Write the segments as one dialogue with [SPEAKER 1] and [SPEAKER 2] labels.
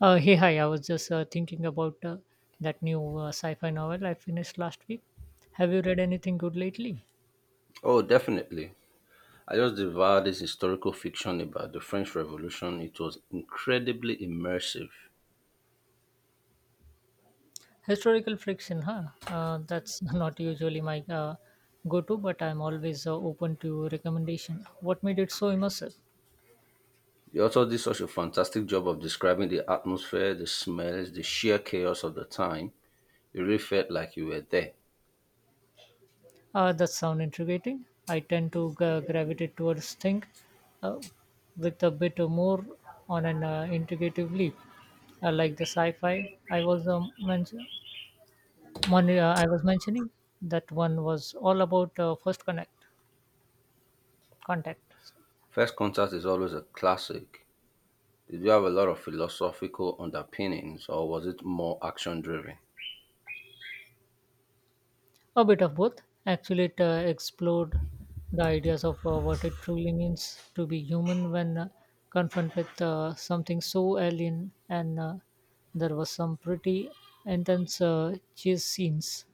[SPEAKER 1] Hey, hi. I was just thinking about that new sci fi novel I finished last week. Have you read anything good lately?
[SPEAKER 2] Oh, definitely. I just devoured this historical fiction about the French Revolution. It was incredibly immersive.
[SPEAKER 1] Historical fiction, huh? That's not usually my go to, but I'm always open to recommendation. What made it so immersive?
[SPEAKER 2] The author did such a fantastic job of describing the atmosphere, the smells, the sheer chaos of the time. You really felt like you were there.
[SPEAKER 1] That sound intriguing. I tend to gravitate towards things uh, with a bit more on an integrative leap. I like the sci fi I was mentioned. One I was mentioning that one was all about first connect contact.
[SPEAKER 2] First Contact is always a classic. Did you have a lot of philosophical underpinnings or was it more action driven?
[SPEAKER 1] A bit of both, actually. It explored the ideas of what it truly means to be human when confronted with something so alien, and there was some pretty intense chase scenes.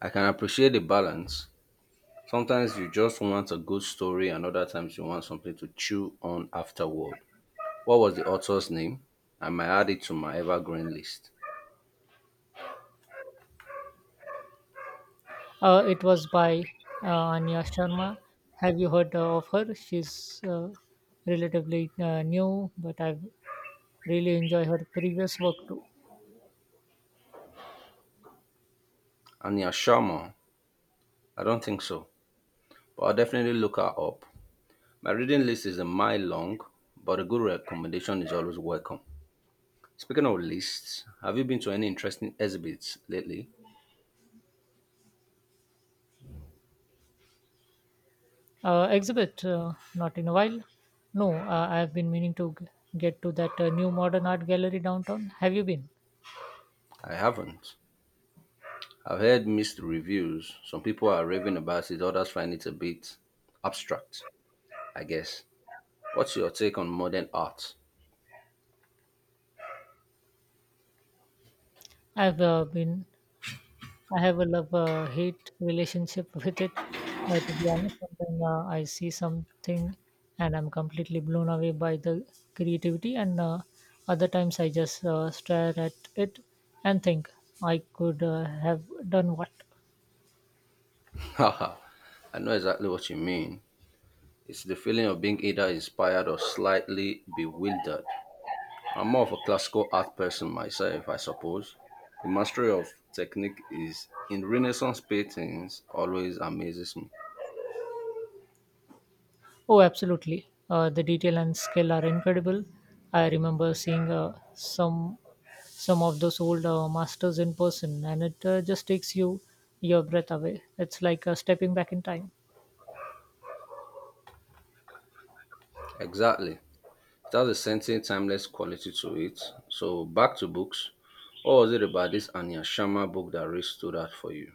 [SPEAKER 2] I can appreciate the balance. Sometimes you just want a good story and other times you want something to chew on afterward. What was the author's name? I might add it to my evergreen list.
[SPEAKER 1] It was by Anya Sharma. Have you heard of her? She's relatively new, but I've really enjoyed her previous work too.
[SPEAKER 2] Anya Sharma? I don't think so, but I'll definitely look her up. My reading list is a mile long, but a good recommendation is always welcome. Speaking of lists, have you been to any interesting exhibits lately?
[SPEAKER 1] Exhibit? Not in a while. No, I've been meaning to get to that new modern art gallery downtown. Have you been?
[SPEAKER 2] I haven't. I've heard mixed reviews. Some people are raving about it, others find it a bit abstract, I guess. What's your take on modern art?
[SPEAKER 1] I've been. I have a love hate relationship with it. To be honest, sometimes I see something and I'm completely blown away by the creativity, and other times I just stare at it and think I could have done what.
[SPEAKER 2] Haha, I know exactly what you mean. It's the feeling of being either inspired or slightly bewildered. I'm more of a classical art person myself, I suppose. The mastery of technique is in Renaissance paintings always amazes me.
[SPEAKER 1] Oh, absolutely. The detail and skill are incredible. I remember seeing some of those old masters in person, and it just takes you your breath away. It's like stepping back in time.
[SPEAKER 2] Exactly. It has a sentient, timeless quality to it. So back to books. What was it about this Anya Sharma book that really stood out for you?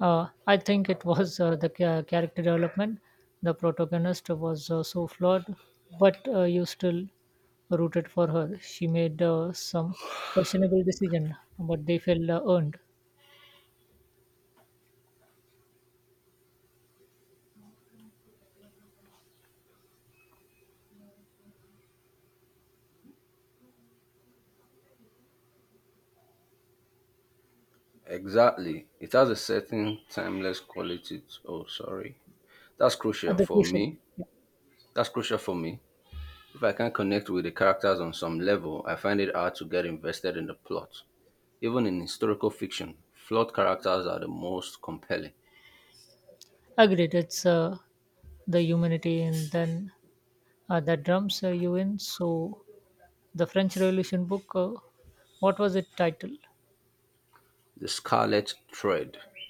[SPEAKER 1] I think it was the character development. The protagonist was so flawed, but you still rooted for her. She made some questionable decision, but they felt earned.
[SPEAKER 2] Exactly. It has a certain timeless quality. Oh, sorry. That's
[SPEAKER 1] At
[SPEAKER 2] crucial
[SPEAKER 1] the
[SPEAKER 2] for
[SPEAKER 1] crucial,
[SPEAKER 2] me.
[SPEAKER 1] yeah.
[SPEAKER 2] That's crucial for me. If I can't connect with the characters on some level, I find it hard to get invested in the plot. Even in historical fiction, flawed characters are the most compelling.
[SPEAKER 1] Agreed. It's the humanity, and then the drums you in so the french revolution book, what was its title?
[SPEAKER 2] The Scarlet Thread. It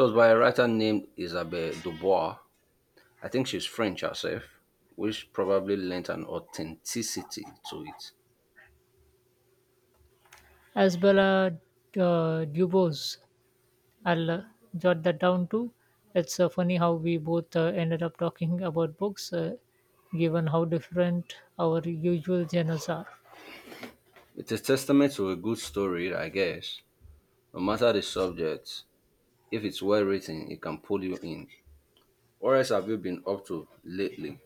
[SPEAKER 2] was by a writer named Isabelle Dubois. I think she's French herself, which probably lent an authenticity to it.
[SPEAKER 1] Asbella Dubose. I'll jot that down too. It's funny how we both ended up talking about books, given how different our usual genres are.
[SPEAKER 2] It's a testament to a good story, I guess. No matter the subject, if it's well written, it can pull you in. What else have you been up to lately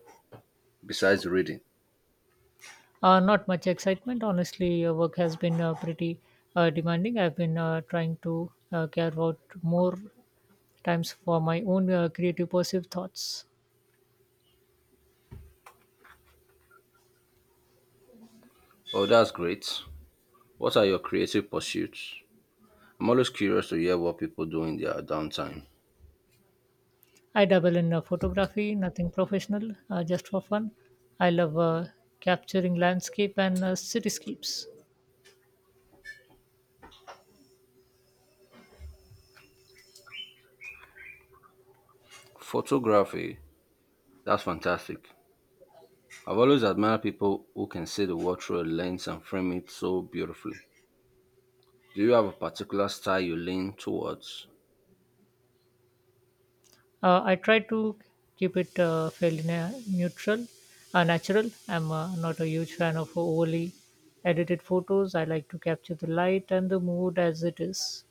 [SPEAKER 2] besides reading?
[SPEAKER 1] Not much excitement, honestly. Work has been pretty demanding. I've been trying to carve out more times for my own creative, positive thoughts.
[SPEAKER 2] Oh, that's great. What are your creative pursuits? I'm always curious to hear what people do in their downtime.
[SPEAKER 1] I dabble in photography, nothing professional, just for fun. I love capturing landscape and cityscapes.
[SPEAKER 2] Photography, that's fantastic. I've always admired people who can see the world through a lens and frame it so beautifully. Do you have a particular style you lean towards?
[SPEAKER 1] I try to keep it fairly neutral, natural. I'm not a huge fan of overly edited photos. I like to capture the light and the mood as it is.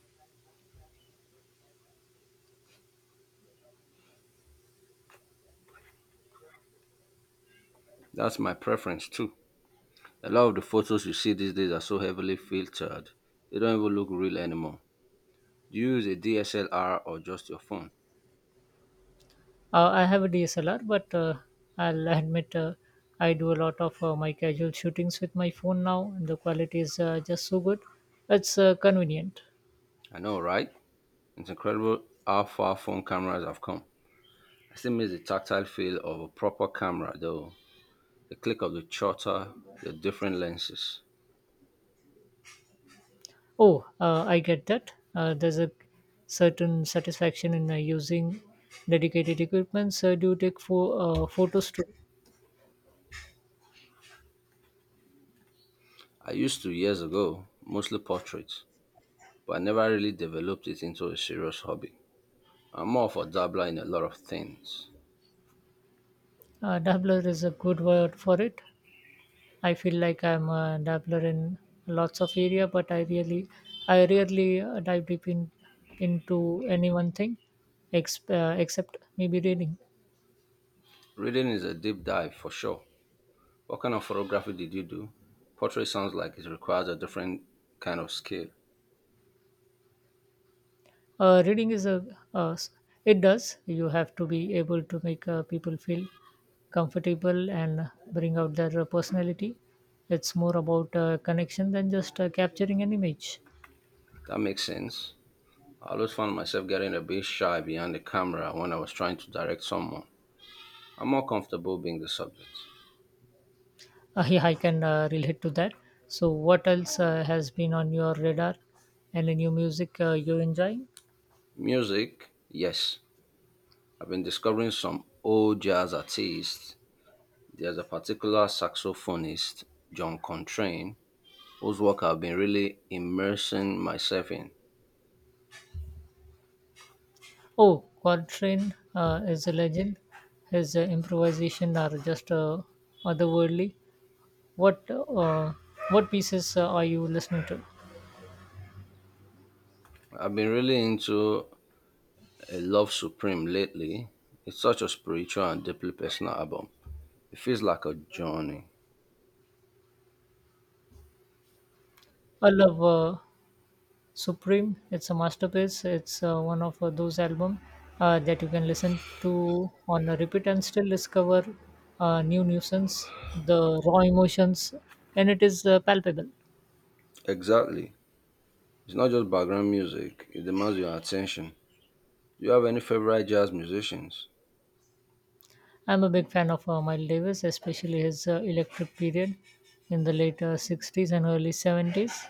[SPEAKER 2] That's my preference too. A lot of the photos you see these days are so heavily filtered, they don't even look real anymore. Do you use a DSLR or just your phone?
[SPEAKER 1] I have a DSLR, but I'll admit I do a lot of my casual shootings with my phone now, and the quality is just so good. It's convenient.
[SPEAKER 2] I know, right? It's incredible how far phone cameras have come. I still miss the tactile feel of a proper camera though. The click of the shutter, the different lenses.
[SPEAKER 1] Oh, I get that. There's a certain satisfaction in using dedicated equipment. So, do you take photos too?
[SPEAKER 2] I used to years ago, mostly portraits, but I never really developed it into a serious hobby. I'm more of a dabbler in a lot of things.
[SPEAKER 1] Dabbler is a good word for it. I feel like I'm a dabbler in lots of area, but I rarely dive deep in into any one thing, except maybe reading.
[SPEAKER 2] Reading is a deep dive for sure. What kind of photography did you do? Portrait sounds like it requires a different kind of skill.
[SPEAKER 1] Uh, reading is a uh, s- it does. You have to be able to make people feel comfortable and bring out their personality. It's more about connection than just capturing an image.
[SPEAKER 2] That makes sense. I always found myself getting a bit shy behind the camera when I was trying to direct someone. I'm more comfortable being the subject.
[SPEAKER 1] Yeah, I can relate to that. So, what else has been on your radar? Any new music you enjoy?
[SPEAKER 2] Music, yes. I've been discovering some old jazz artists. There's a particular saxophonist, John Contrain, whose work I've been really immersing myself in.
[SPEAKER 1] Oh, Coltrane is a legend. His improvisation are just otherworldly. What uh, what pieces are you listening to?
[SPEAKER 2] I've been really into A Love Supreme lately. It's such a spiritual and deeply personal album. It feels like a journey.
[SPEAKER 1] I love Supreme. It's a masterpiece. It's one of those albums that you can listen to on a repeat and still discover new nuisance, the raw emotions, and it is palpable.
[SPEAKER 2] Exactly. It's not just background music, it demands your attention. Do you have any favorite jazz musicians?
[SPEAKER 1] I'm a big fan of Miles Davis, especially his electric period in the late 60s and early 70s.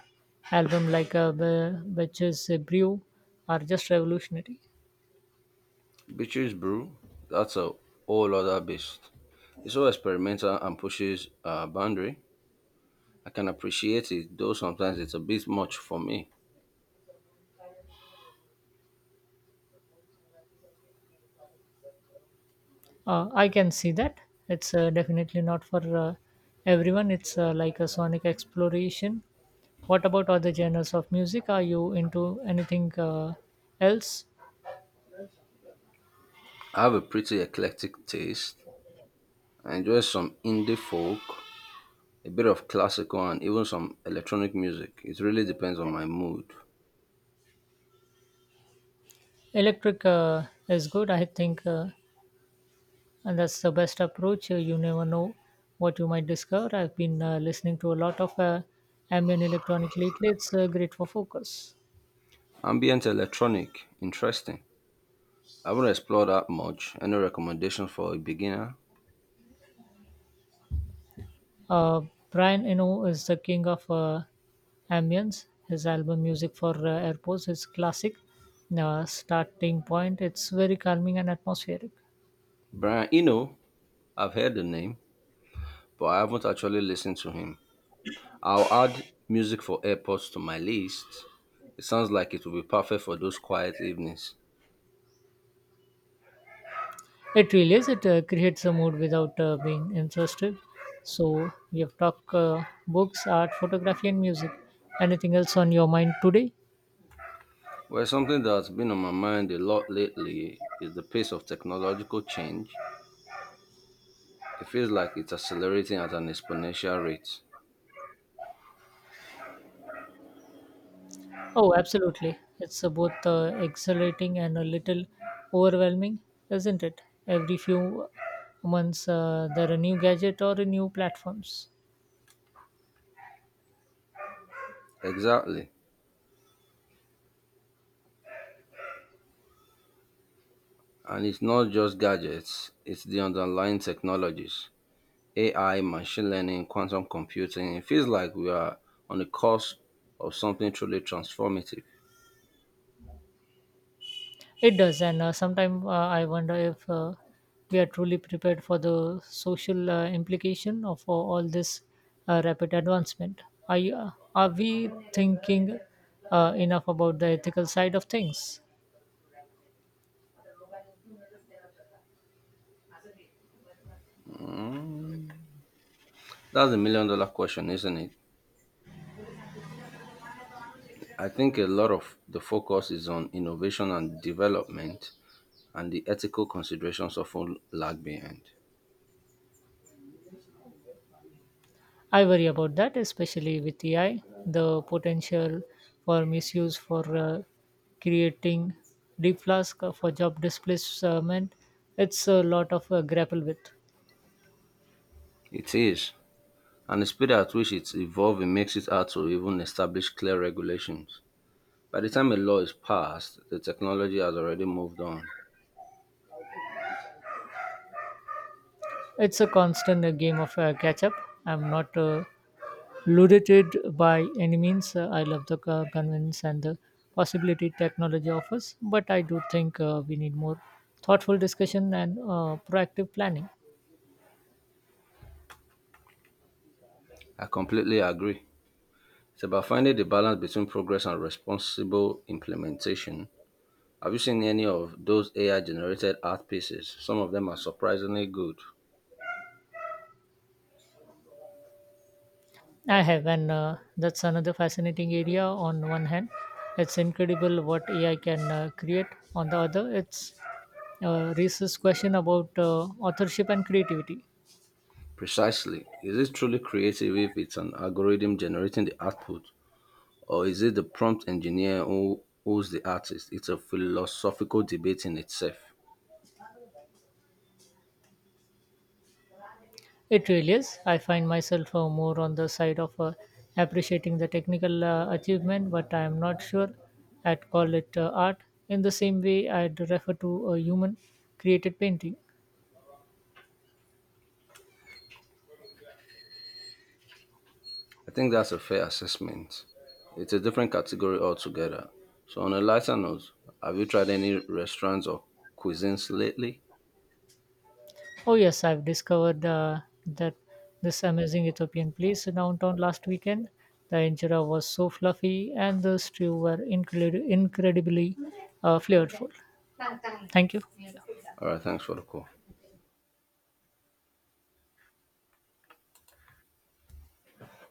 [SPEAKER 1] Album like Betches Brew are just revolutionary.
[SPEAKER 2] Beaches Brew, that's a whole other beast. It's so experimental and pushes a boundary. I can appreciate it, though sometimes it's a bit much for me.
[SPEAKER 1] I can see that. It's definitely not for everyone. It's like a sonic exploration. What about other genres of music? Are you into anything else?
[SPEAKER 2] I have a pretty eclectic taste. I enjoy some indie folk, a bit of classical, and even some electronic music. It really depends on my mood.
[SPEAKER 1] Electric is good, I think, and that's the best approach. You never know what you might discover. I've been listening to a lot of ambient electronic lately. It's great for focus.
[SPEAKER 2] Ambient electronic, interesting. I haven't explored that much. Any recommendations for a beginner?
[SPEAKER 1] Uh, Brian Eno is the king of ambience. His album music for airports is classic. Starting point, it's very calming and atmospheric.
[SPEAKER 2] Brian Eno, I've heard the name, but I haven't actually listened to him. I'll add music for AirPods to my list. It sounds like it will be perfect for those quiet evenings.
[SPEAKER 1] It really is. It creates a mood without being interested. So we have talked books, art, photography, and music. Anything else on your mind today?
[SPEAKER 2] Well, something that's been on my mind a lot lately is the pace of technological change. It feels like it's accelerating at an exponential rate.
[SPEAKER 1] Oh, absolutely. It's both exhilarating and a little overwhelming, isn't it? Every few months, there are new gadget or new platforms.
[SPEAKER 2] Exactly. And it's not just gadgets, it's the underlying technologies. AI, machine learning, quantum computing. It feels like we are on the cusp of something truly transformative.
[SPEAKER 1] It does, and sometimes I wonder if we are truly prepared for the social implication of all this rapid advancement. Are we thinking enough about the ethical side of things?
[SPEAKER 2] Mm, that's the million-dollar question, isn't it? I think a lot of the focus is on innovation and development, and the ethical considerations often lag behind.
[SPEAKER 1] I worry about that, especially with AI, the potential for misuse for creating deep flask for job displacement. It's a lot of grapple with.
[SPEAKER 2] It is, and the speed at which it's evolving makes it hard to even establish clear regulations. By the time a law is passed, the technology has already moved on.
[SPEAKER 1] It's a constant game of catch up. I'm not ludited by any means. I love the convenience and the possibility technology offers, but I do think we need more thoughtful discussion and proactive planning.
[SPEAKER 2] I completely agree. It's about finding the balance between progress and responsible implementation. Have you seen any of those AI generated art pieces? Some of them are surprisingly good.
[SPEAKER 1] I have, and that's another fascinating area. On one hand, it's incredible what AI can create. On the other, it's raises question about authorship and creativity.
[SPEAKER 2] Precisely. Is it truly creative if it's an algorithm generating the output, or is it the prompt engineer who's the artist? It's a philosophical debate in itself.
[SPEAKER 1] It really is. I find myself more on the side of appreciating the technical achievement, but I am not sure I'd call it art in the same way I'd refer to a human created painting.
[SPEAKER 2] I think that's a fair assessment. It's a different category altogether. So, on a lighter note, have you tried any restaurants or cuisines lately?
[SPEAKER 1] Oh yes, I've discovered that this amazing Ethiopian place downtown last weekend. The injera was so fluffy, and the stew were incredibly flavorful. Thank you.
[SPEAKER 2] All right, thanks for the call.